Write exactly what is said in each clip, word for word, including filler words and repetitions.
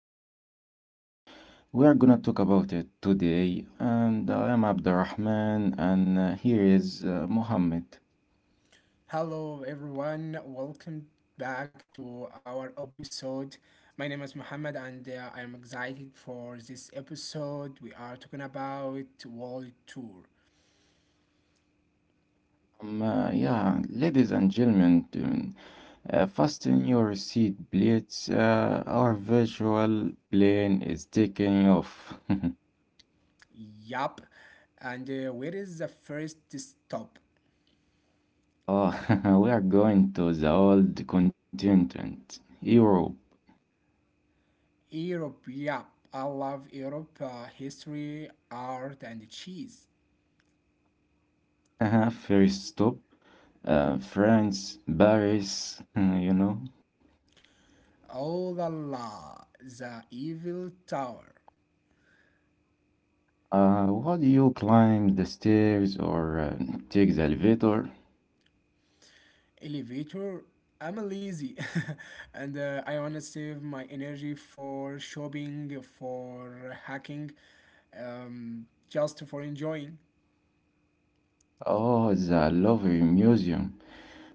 World Tour. We are gonna talk about it today, and I am Abdurrahman, and uh, here is uh, Mohammed. Hello, everyone. Welcome back to our episode. My name is Muhammad, and uh, I am excited for this episode. We are talking about World Tour. Um, uh, yeah, Ladies and gentlemen, um, uh, fasten your seat plates. Uh, our virtual plane is taking off. Yup. And uh, where is the first stop? Oh, we are going to the old continent, Europe. Europe. Yup. I love Europe. Uh, history, art, and cheese. Uh-huh. First stop, uh, France, Paris, you know. Oh la la, the Eiffel Tower. Uh, what do you climb the stairs or uh, take the elevator? Elevator, I'm lazy and uh, I want to save my energy for shopping, for hacking, um, just for enjoying. Oh, the Louvre Museum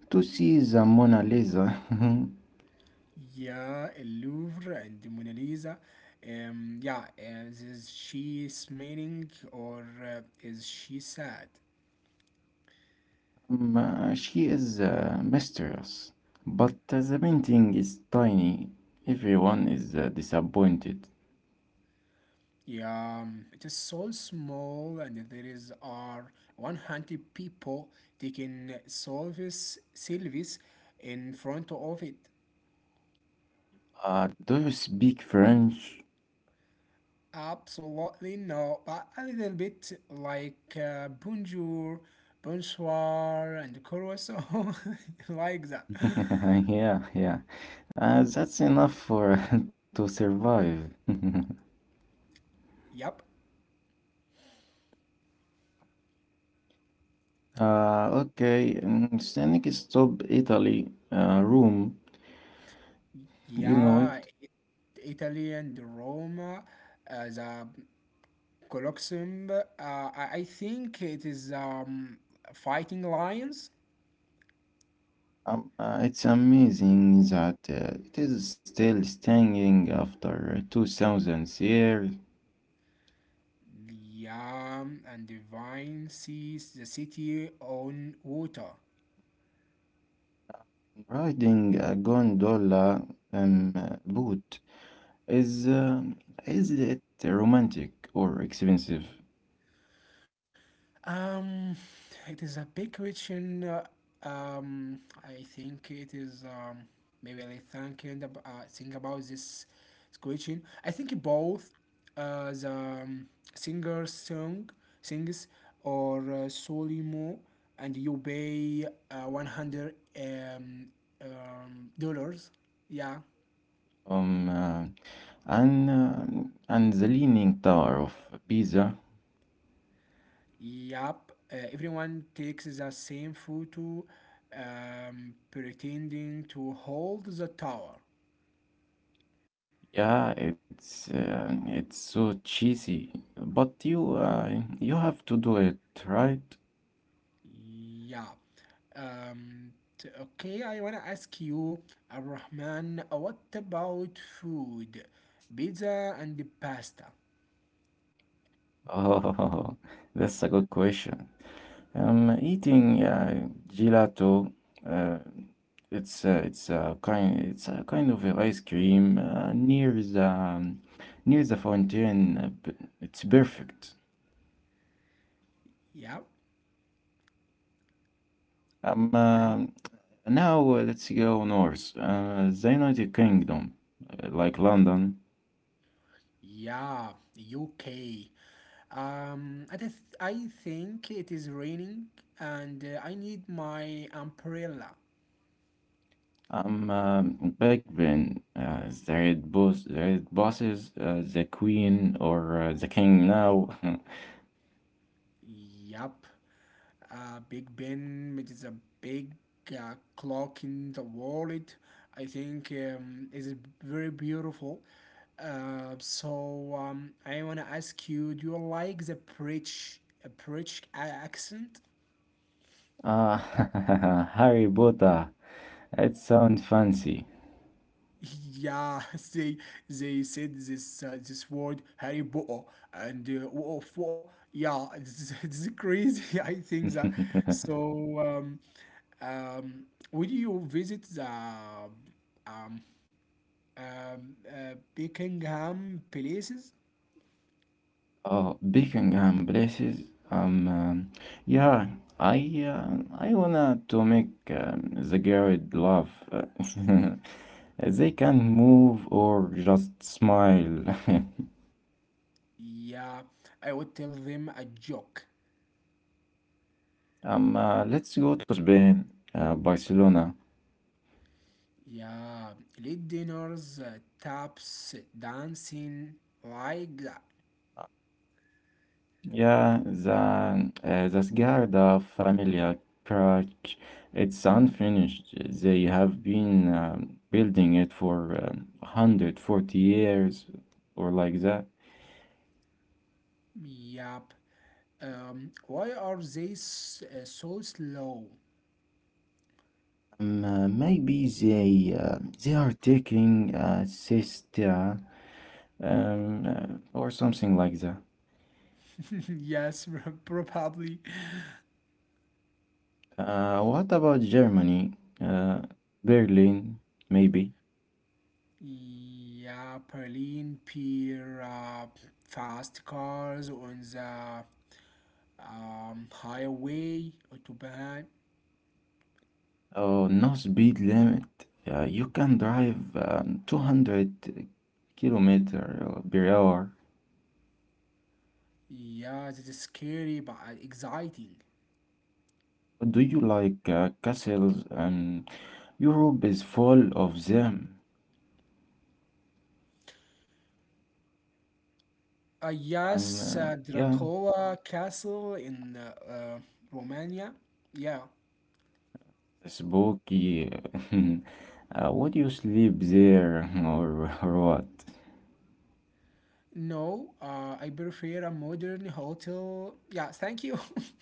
to see the Mona Lisa. Yeah, El Louvre and the Mona Lisa. Um, yeah, is, is she smiling or uh, is she sad? Um, uh, she is a mistress, but uh, the painting is tiny. Everyone is uh, disappointed. Yeah, um, it is so small, and there is are one hundred people taking selfies, selfies in front of it. Uh, do you speak French? Absolutely no, but a little bit like uh, bonjour, bonsoir, and croissant, like that. Yeah, yeah. Uh, that's enough for to survive. Yep. Uh, okay, um, Scenic Stop Italy uh, room, you know Yeah, it. it, Italy and Roma, uh, the Colosseum. Uh, I I think it is um, fighting lions. Um, uh, it's amazing that uh, it is still standing after two thousand years. Yeah, and the vine sees the city on water. Riding a gondola um, boat is uh, is it romantic or expensive? Um, it is a big question. uh, Um, I think it is. Um, maybe I think and ab- uh, think about this question. I think both, uh, the um, singer song sings or uh, Solimo, and you pay uh, one hundred um, um dollars. Yeah. Um, uh, and uh, and the Leaning Tower of Pisa. Yup, uh, everyone takes the same photo um, pretending to hold the tower. Yeah, it's uh, it's so cheesy, but you uh, you have to do it, right? Yeah. Um, t- okay, I wanna ask you, Abrahman, what about food? Pizza and the pasta. Oh, that's a good question. Um, eating uh, gelato. Uh, it's uh, it's a kind it's a kind of a ice cream uh, near the near the fountain. uh, b- It's perfect. Yeah. Um, uh, And And Now uh, let's go north. Uh, the United Kingdom, uh, like London. yeah, U K. Um, I, th- I think it is raining and uh, I need my umbrella. um, um, Big Ben, uh, the Red Boss, the Red Bosses, uh, the Queen or uh, the King now. Yup. Uh, Big Ben with a big uh, clock in the wallet, I think um, is very beautiful. Uh, so um, I wanna ask you, do you like the British, uh, British accent? uh, Harry Potter. It sounds fancy. Yeah, they they said this uh, this word Harry Potter and uh, what what yeah, it's, it's crazy. I think that so. Um, um, would you visit the um, uh, Buckingham places? Oh, Buckingham places. Um, um, yeah, I uh, I wanna to make um, the girl love. They can move or just smile. Yeah, I would tell them a joke. Um, uh, let's go to Spain, uh, Barcelona. Yeah, late dinners, uh, taps, dancing, like that. Yeah, the uh, the Sagrada Familia church, it's unfinished. They have been um, building it for um, one hundred forty years or like that. Yep. Um, why are they s- uh, so slow? Um, uh, maybe they uh, they are taking a siesta um, uh, or something like that. Yes, probably. Uh, what about Germany? Uh, Berlin, maybe. Yeah, Berlin peer uh, fast cars on the um, highway autobahn. Oh, no speed limit. Uh, you can drive um, two hundred kilometer uh, per hour. Yeah, that is scary but uh, exciting. Do you like uh, castles? Um, Europe is full of them. Uh, Um, uh, Yes, uh, yeah, Dracula Castle in uh, uh, Romania. Yeah. Spooky. uh, would you sleep there or, or what? No, uh, I prefer a modern hotel. Yeah, thank you.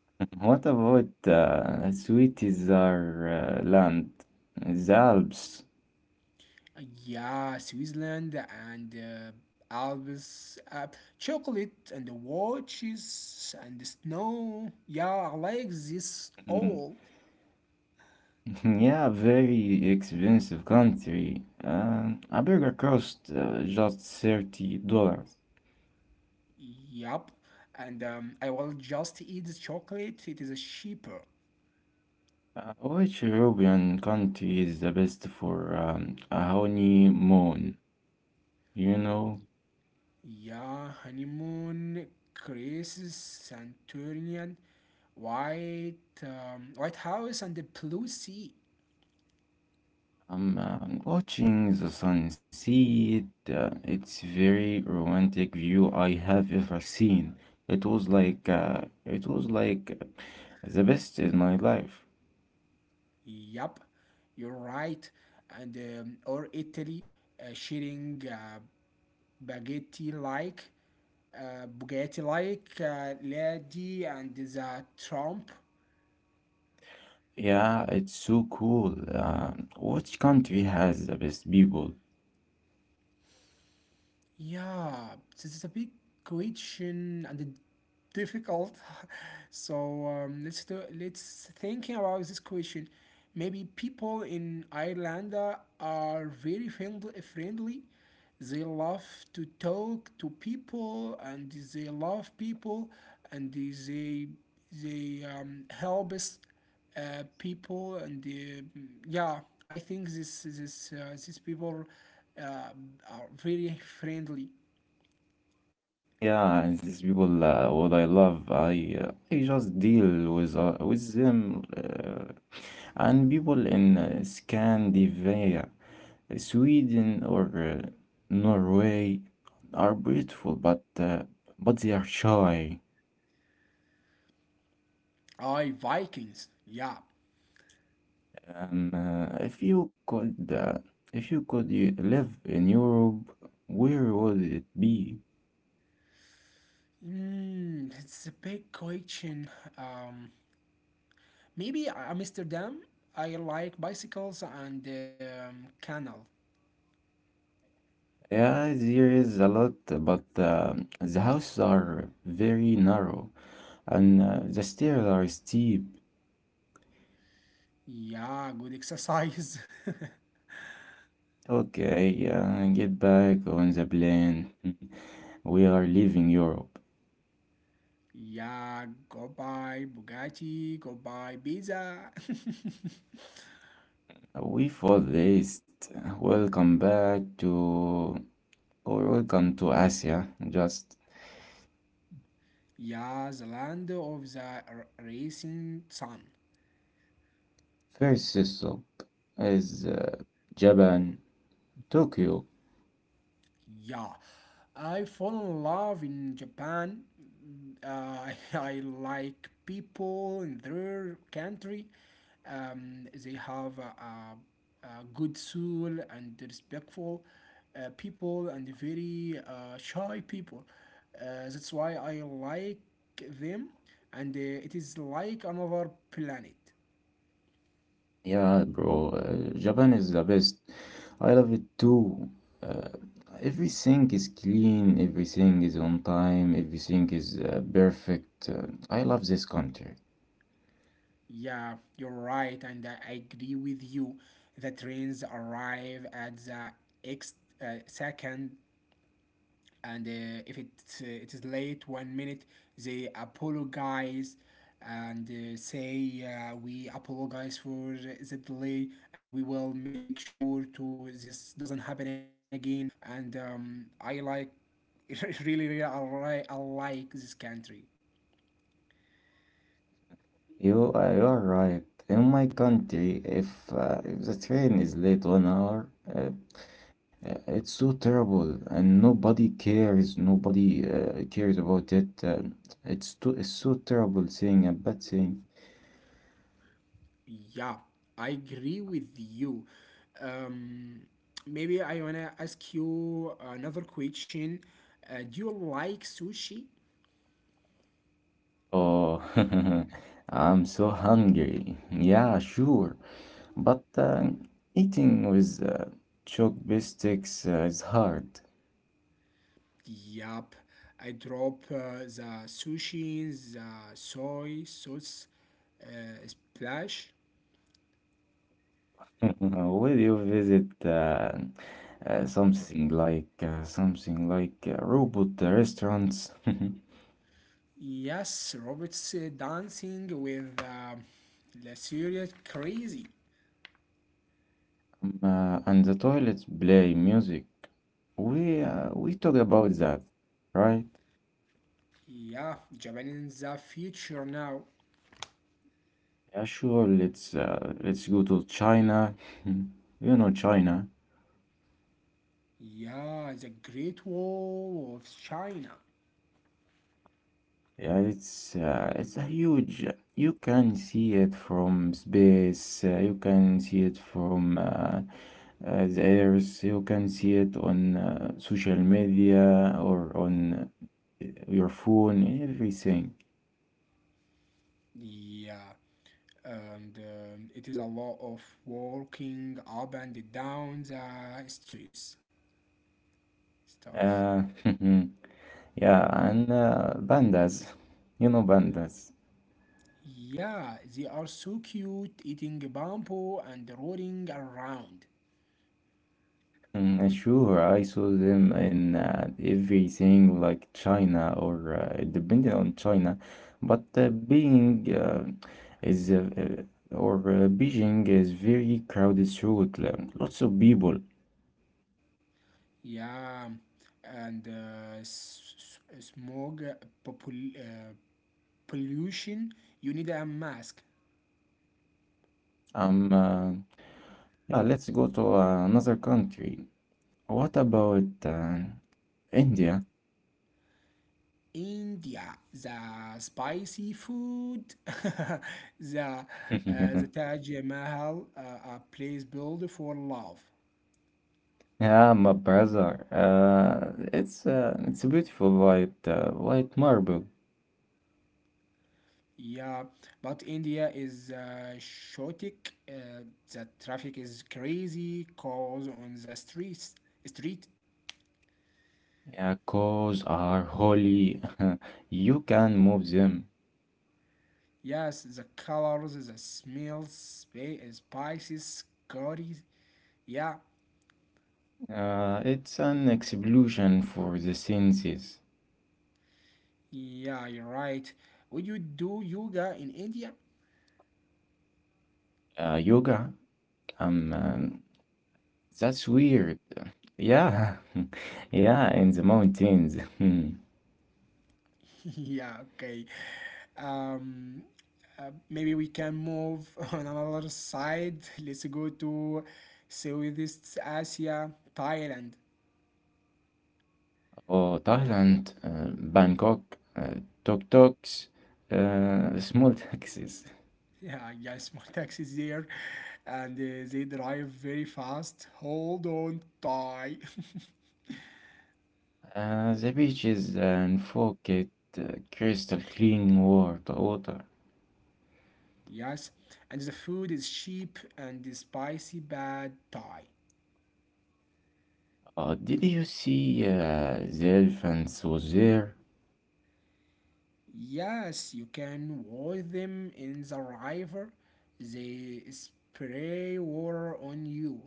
What about uh, Switzerland, the Alps? Yeah, Switzerland and uh, Alps, uh, chocolate and the watches and the snow. Yeah, I like this Mhm. all. Yeah, very expensive country. Um, a burger costs uh, just thirty dollars. Yup. And um, I will just eat the chocolate. It is cheaper. Uh, which European country is the best for um, a honeymoon? You know, Yeah, honeymoon, Greece, Santorini, White, um, White House, and the Blue Sea. I'm uh, watching the sunset. Uh, it's very romantic view I have ever seen. It was like uh, it was like uh, the best in my life. Yup, you're right. And um, or Italy, uh, sharing uh, spaghetti like, uh, Bugatti like, uh, lady, and the Trump. Yeah, it's so cool. Uh, which country has the best people? Yeah, this is a big question and difficult. so um, let's do, let's thinking about this question. Maybe people in Ireland are very friendly. friendly. They love to talk to people, and they love people, and they they um, help us uh, people and uh, yeah, I think this this uh, these people uh, are very friendly. Yeah, and these people, uh, what I love, I uh, I just deal with uh, with them, uh, and people in uh, Scandinavia, uh, Sweden or uh, Norway are beautiful, but uh, but they are shy. I, Vikings, yeah. Um, uh, if you could, uh, if you could uh, live in Europe, where would it be? Mm, it's a big question, um, maybe uh, Amsterdam. I like bicycles and um, canal. Yeah, there is a lot, but uh, the houses are very narrow and uh, the stairs are steep. Yeah, good exercise. Okay, uh, get back on the plane. We are leaving Europe. Yeah, go buy Bugatti, go buy pizza. We for this. Welcome back to, or welcome to Asia. Just Yeah, the land of the r- racing sun. first stop is uh, Japan, Tokyo. Yeah, I fall in love in Japan. Mm, Uh, I like people in their country. Um, they have a, a, a good soul and respectful uh, people and very uh, shy people. Uh, that's why I like them, and uh, it is like another planet. Yeah, bro, uh, Japan is the best. I love it too. Uh, everything is clean, everything is on time, everything is uh, perfect. Uh, I love this country. Yeah, you're right, and uh, I agree with you. The trains arrive at the X uh, second, and uh, if it uh, it is late one minute, they apologize and uh, say uh, we apologize for the delay, and we will make sure to this doesn't happen again. And um, I like really, really, I like, I like this country. You, uh, you are right. In my country, if uh, if the train is late one hour, uh, uh, it's so terrible, and nobody cares. Nobody uh, cares about it. Uh, it's too, it's so terrible thing, a bad thing. Yeah, I agree with you. Um, Maybe I wanna ask you another question. Uh, do you like sushi? Oh, I'm so hungry. Yeah, sure. But uh, eating with uh, chopsticks uh, is hard. Yup, I drop uh, the sushi, in the soy sauce uh, splash. Will you visit uh, uh, something like uh, something like uh, robot restaurants. Yes, Robert's uh, dancing with uh, La Syria crazy. Um, uh, and the toilets play music? We uh, we talk about that, right? Yeah, Japan is the future now. Yeah, sure. Let's uh, let's go to China. You know China. Yeah, the Great Wall of China. Yeah, it's uh, it's a huge. You can see it from space. Uh, you can see it from uh, uh, the earth. You can see it on uh, social media or on uh, your phone. Everything. Yeah, and um, it is a lot of walking up and down the streets. Stars. Uh, yeah, and uh, pandas. You know pandas. Yeah, they are so cute, eating bamboo and rolling around. Mm, sure, I saw them in uh, everything like China or uh, depending on China, but uh, Beijing uh, is uh, uh, or uh, Beijing is very crowded throughout, uh, lots of people. Yeah, and uh, s- s- smog uh, popul- uh, pollution. You need a mask. Um, uh, yeah, let's go to another country. What about uh, India? India, the spicy food, the uh, the Taj Mahal, uh, a place built for love. Yeah, my brother. Uh, it's uh, it's a beautiful white uh, white marble. Yeah, but India is uh, chaotic. Uh, the traffic is crazy, cars on the streets. Street, Yeah, cows are holy. You can move them. yes, the colors, the smells, spa- spices, curries. Yeah, Uh, it's an explosion for the senses. yeah, you're right. Would you do yoga in India? Uh, yoga? Um, um, that's weird. Yeah, yeah, in the mountains. Hmm. Yeah, okay. Um, uh, Maybe we can move on another side. Let's go to Southeast Asia, Thailand. Oh, Thailand, uh, Bangkok, uh, tuk tuks, uh, small taxis. Yeah, yes, more taxis there, and uh, they drive very fast. Hold on, Thai. Uh, the beaches and forget uh, crystal clean water. water. Yes, and the food is cheap and the spicy bad Thai. Oh, did you see uh, the elephants was there? Yes, you can wash them in the river. They spray water on you.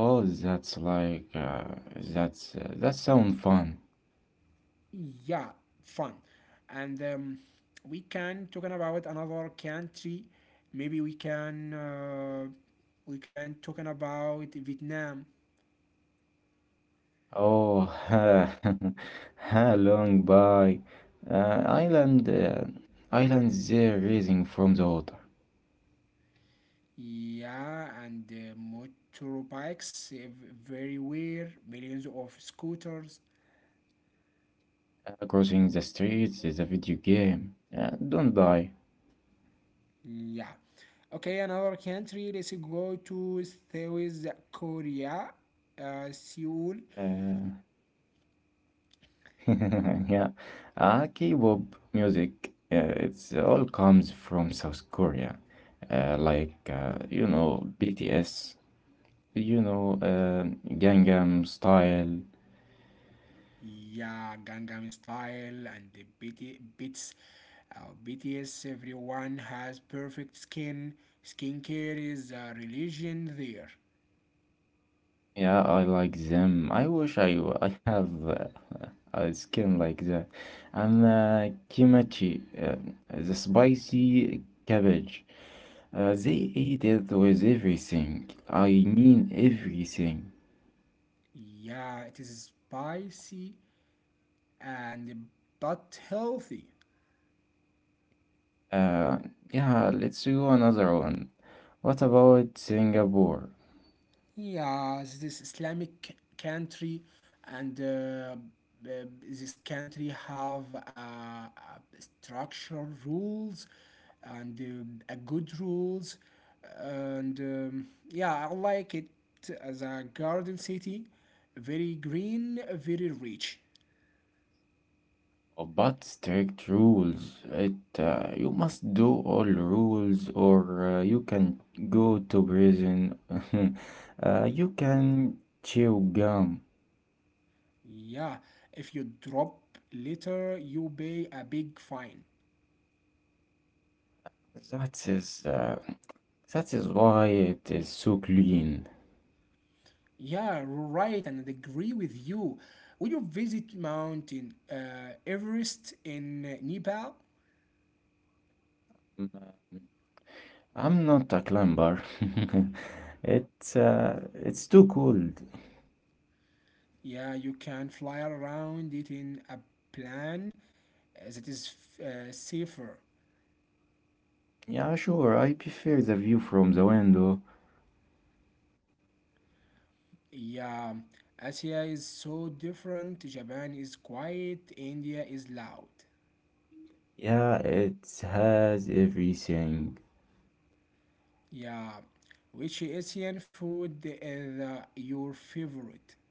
Oh, that's like uh, that's uh, that sound fun. Yeah, fun. And um, we can talking about another country. Maybe we can uh, we can talking about Vietnam. Oh, ha, long by uh, island uh, islands there raising from the water, Yeah, and uh, motorbikes ev- very weird. Millions of scooters. uh, crossing the streets is a video game. Uh, don't die. Yeah. Okay, another country. Let's go to South Korea, uh, Seoul. Uh, Yeah, uh, K-pop music, uh, it's all comes from South Korea, uh, like uh, you know B T S, you know uh, Gangnam Style. Yeah, Gangnam Style and the B T bits. Uh, B T S, everyone has perfect skin. Skincare is a religion there. Yeah, I like them. I wish I w- I have uh, a skin like that. And uh, kimchi, uh, the spicy cabbage. Uh, they eat it with everything. I mean everything. Yeah, it is spicy and but healthy. Uh, yeah, let's do another one. What about Singapore? Yeah, this Islamic country and uh, uh, this country have uh, uh, structural rules and uh, a good rules and um, yeah, I like it as a garden city, very green, very rich. Oh, but strict rules. It uh, You must do all rules, or uh, you can go to prison. uh, you can chew gum. Yeah, if you drop litter, you pay a big fine. That is uh, that is why it is so clean. Yeah, right, and I agree with you. When you visit mountain uh, Everest in uh, Nepal, Mm, I'm not a climber. It's uh, it's too cold. yeah, you can fly around it in a plane uh, that is f- uh, safer. Yeah, sure. I prefer the view from the window. Yeah, Asia is so different. Japan is quiet. India is loud. Yeah, it has everything. Yeah, which Asian food is uh, your favorite?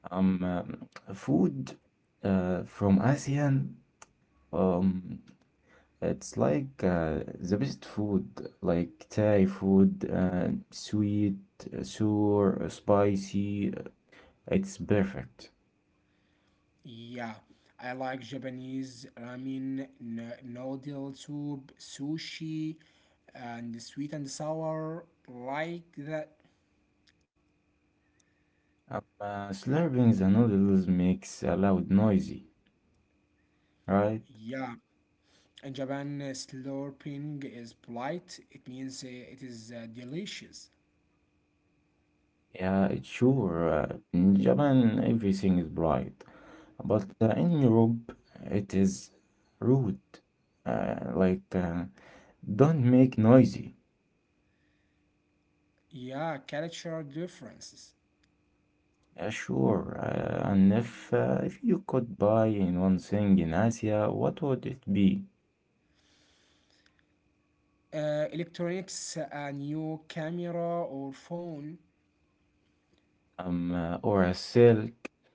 Um, um, Food uh, from ASEAN, um, it's like uh, the best food, like Thai food, uh, sweet, uh, sour, uh, spicy. Uh, It's perfect. Yeah, I like Japanese ramen, n- noodle soup, sushi, and sweet and sour like that. Um, uh, slurping the noodles makes a loud noisy, right? Yeah, in Japan, uh, slurping is polite. It means uh, it is uh, delicious. Yeah, it's sure. Uh, in Japan, everything is bright, but uh, in Europe, it is rude. Uh, like, uh, don't make noisy. Yeah, cultural differences. Yeah, sure. Uh, and if uh, if you could buy in one thing in Asia, what would it be? Uh, electronics, a new camera or phone Um, uh, or a silk,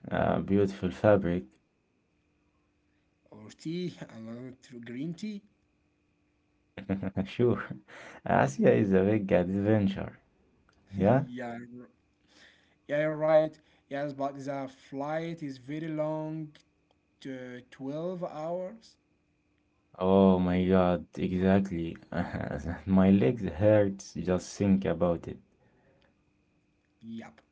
uh, beautiful fabric. or tea, another tr- green tea. Sure. Asia is a big adventure. Yeah? yeah, yeah, you're right. Yes, but the flight is very long, to twelve hours. Oh my God, exactly. My legs hurts just think about it. Yep.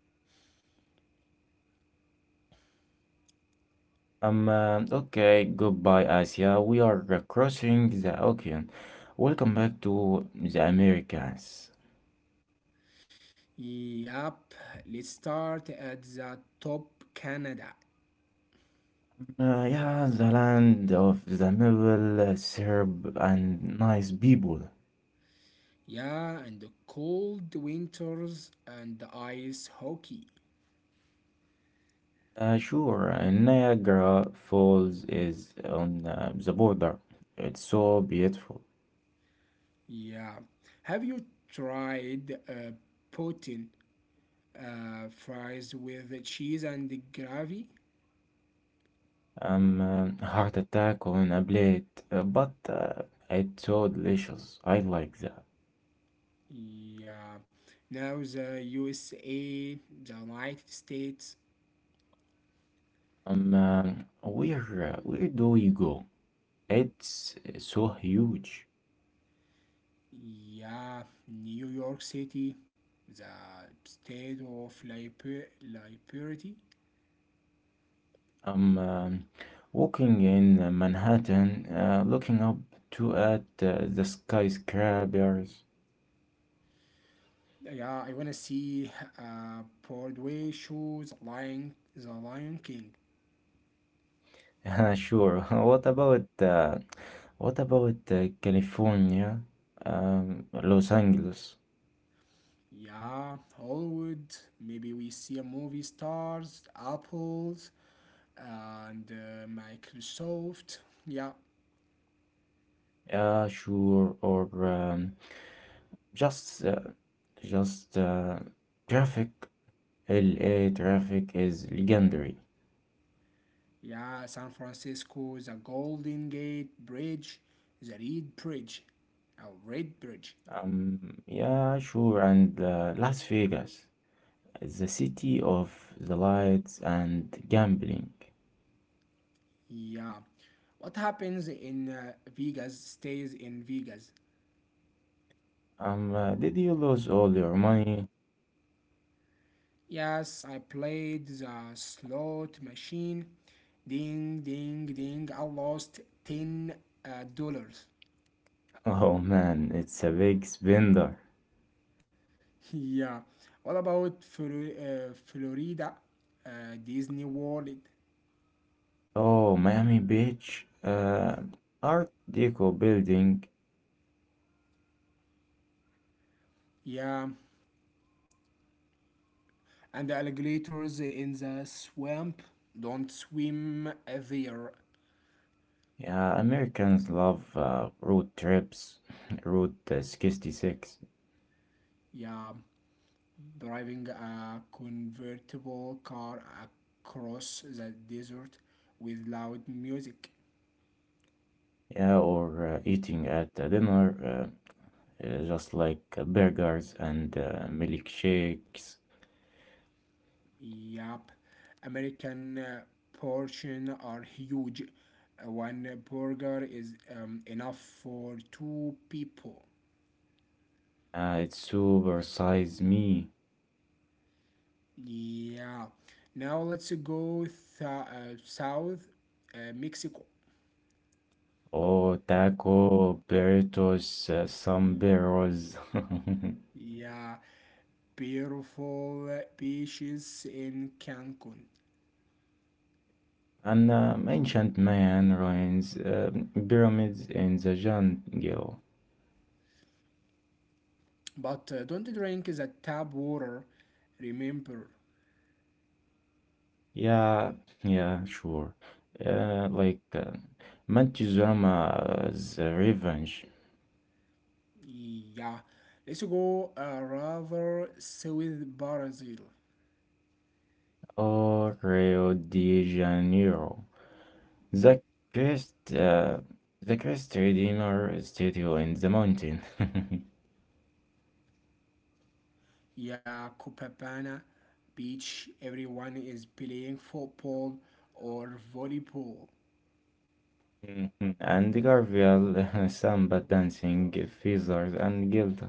Um, uh, okay, goodbye, Asia. We are crossing the ocean. Welcome back to the Americas. Yep. Let's start at the top, Canada. Uh, yeah, the land of the maple syrup and nice people. Yeah, and the cold winters and the ice hockey. Uh, sure, uh, Niagara Falls is on uh, the border. It's so beautiful. Yeah. Have you tried uh, poutine uh, fries with cheese and gravy? Um, uh, heart attack on a plate, uh, but uh, it's so delicious. I like that. Yeah. Now the U S A, the United States. Um, uh, where uh, where do we go? It's so huge. Yeah, New York City, the state of liber- liberty. I'm um, walking in uh, Manhattan, uh, looking up to at uh, the skyscrapers. Yeah, I wanna see a Broadway shows The Lion, The Lion King. Uh, sure. What about uh, what about uh, California, um, Los Angeles? Yeah, Hollywood. Maybe we see a movie stars, Apples, and uh, Microsoft. Yeah, Yeah, sure. Or um, just uh, just uh, traffic. L A traffic is legendary. yeah, San Francisco, the Golden Gate Bridge, the Red Bridge, a Red Bridge. Um, yeah, sure. And uh, Las Vegas, the city of the lights and gambling. Yeah. What happens in uh, Vegas stays in Vegas. Um, uh, did you lose all your money? Yes, I played the slot machine. Ding, ding, ding. I lost ten uh, dollars. Oh man, it's a big spender. yeah. What about Flo- uh, Florida, uh, Disney World? Oh, Miami Beach, uh, Art Deco building. Yeah. And the alligators in the swamp don't swim there. Yeah, Americans love uh, road trips. Route uh, sixty-six. Yeah. Driving a convertible car across the desert with loud music. Yeah, or uh, eating at a dinner, uh, uh, just like uh, burgers and uh, milkshakes. Yup, American uh, portions are huge. Uh, One burger is um, enough for two people. Uh, it's super size me. Yeah. Now let's go th- uh, south, uh, Mexico. Oh, taco, burritos, uh, sombreros. Yeah. Beautiful beaches in Cancun. And uh, ancient Mayan ruins, uh, pyramids in the jungle. But uh, don't drink the tap water, remember. Yeah, yeah, sure. Uh, like uh, Montezuma's Revenge Yeah, let's go uh, rather South Brazil. or Rio de Janeiro. The Christ, uh, the Christ Redeemer statue in the mountain. Yeah, Copacabana Beach. Everyone is playing football or volleyball. Mhm. And the Garfield, samba dancing, feathers, and guilt.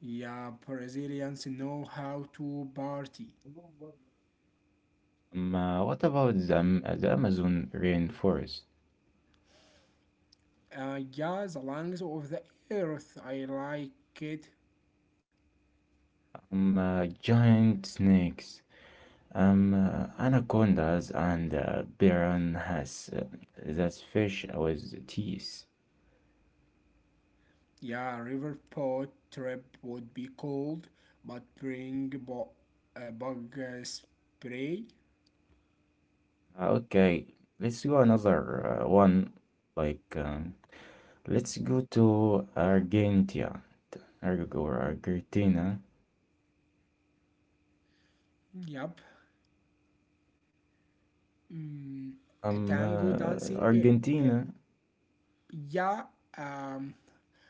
Yeah, Brazilians know how to party. Um, uh, what about the, Am- the Amazon rainforest? Uh, yeah, the lungs of the earth. I like it. Um, uh, giant snakes, um, uh, anacondas, and uh, piranhas. Uh, that's fish with teeth. Yeah, river boat trip would be cold, but bring bo- uh, bug uh, spray. Uh, okay, let's go another uh, one. Like, um, let's go to Argentina. Arg- or Argentina. Yep. Mm, a Um, tango dancing. uh, uh, Argentina. Yeah. Um,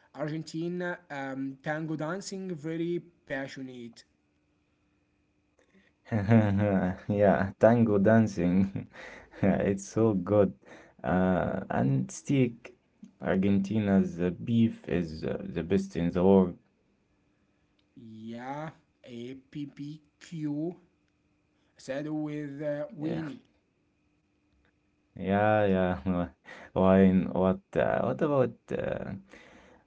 Argentina um, tango dancing very passionate. Yeah, tango dancing. It's so good. Uh, and steak. Argentina's uh, beef is uh, the best in the world. Yeah. A P P Q. P P Q said with uh, Yeah, Winnie. yeah, yeah. Wine. What? Uh, what about? Uh,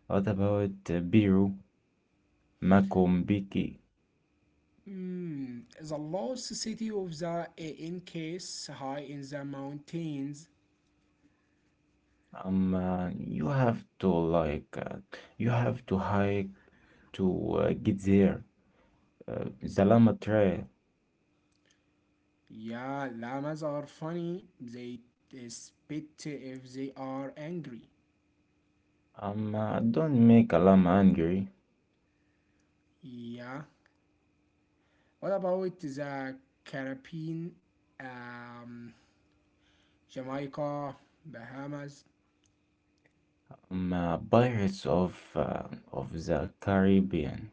what about uh, Peru? Macombiki. Mm, the lost city of the uh, in case high in the mountains. Um, uh, you have to like. Uh, you have to hike to uh, get there. Uh, the llama trail. Yeah, llamas are funny. They uh, spit if they are angry. Um, uh, don't make a llama angry. Yeah. What about the Caribbean, um, Jamaica, Bahamas? Um, uh, Pirates of uh, of the Caribbean.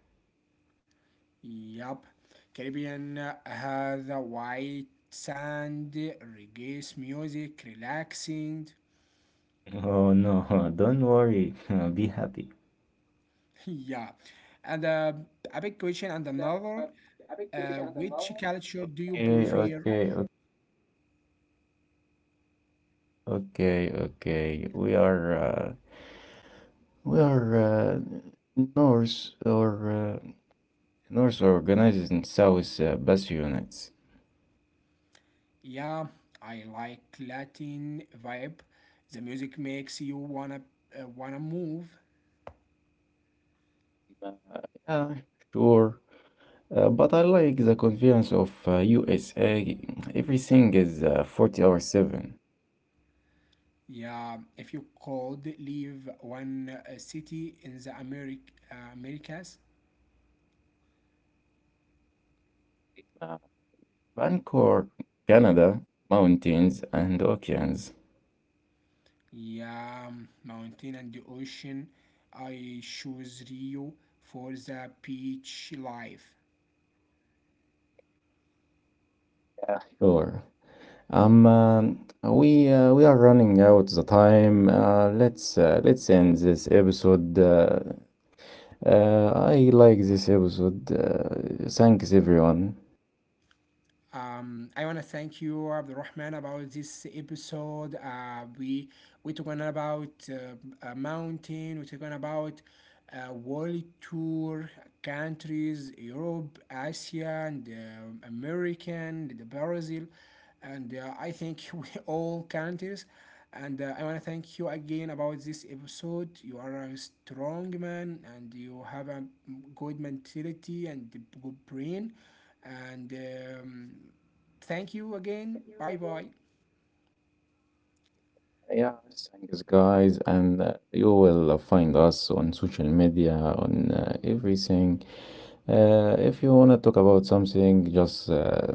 Yup. Caribbean has a white sand, reggae music, relaxing. Oh no, don't worry. Be happy. yeah. And uh, a big question and another. Uh, which culture do you Okay, prefer? okay, o- okay, okay. We are uh, we are uh, North or uh, North organized in South uh, bus units. Yeah, I like Latin vibe. The music makes you wanna uh, wanna move. Yeah, sure. Uh, but I like the convenience of uh, U S A. Everything is uh, forty hours seven. Yeah, if you could leave one uh, city in the Americ- uh, Americas, Uh, Vancouver, Canada, mountains and oceans. yeah, mountain and the ocean, I choose Rio for the beach life. Sure. Um, um, we uh, we are running out the time. Uh, let's uh, let's end this episode. Uh, uh, I like this episode. Uh, thanks everyone. Um, I want to thank you, Abdurrahman, about this episode. Uh, we we talking about uh, a mountain. We talking about uh, world tour countries, Europe, Asia, and uh, American, the Brazil, and uh, I think we all countries. And uh, I want to thank you again about this episode. You are a strong man, and you have a good mentality and good brain and um, thank you again. Bye bye. Yeah, thanks guys, and uh, you will find us on social media on uh, everything. Uh, if you wanna talk about something, just uh,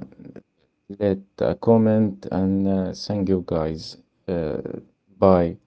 let a comment and uh, thank you guys. Uh, bye.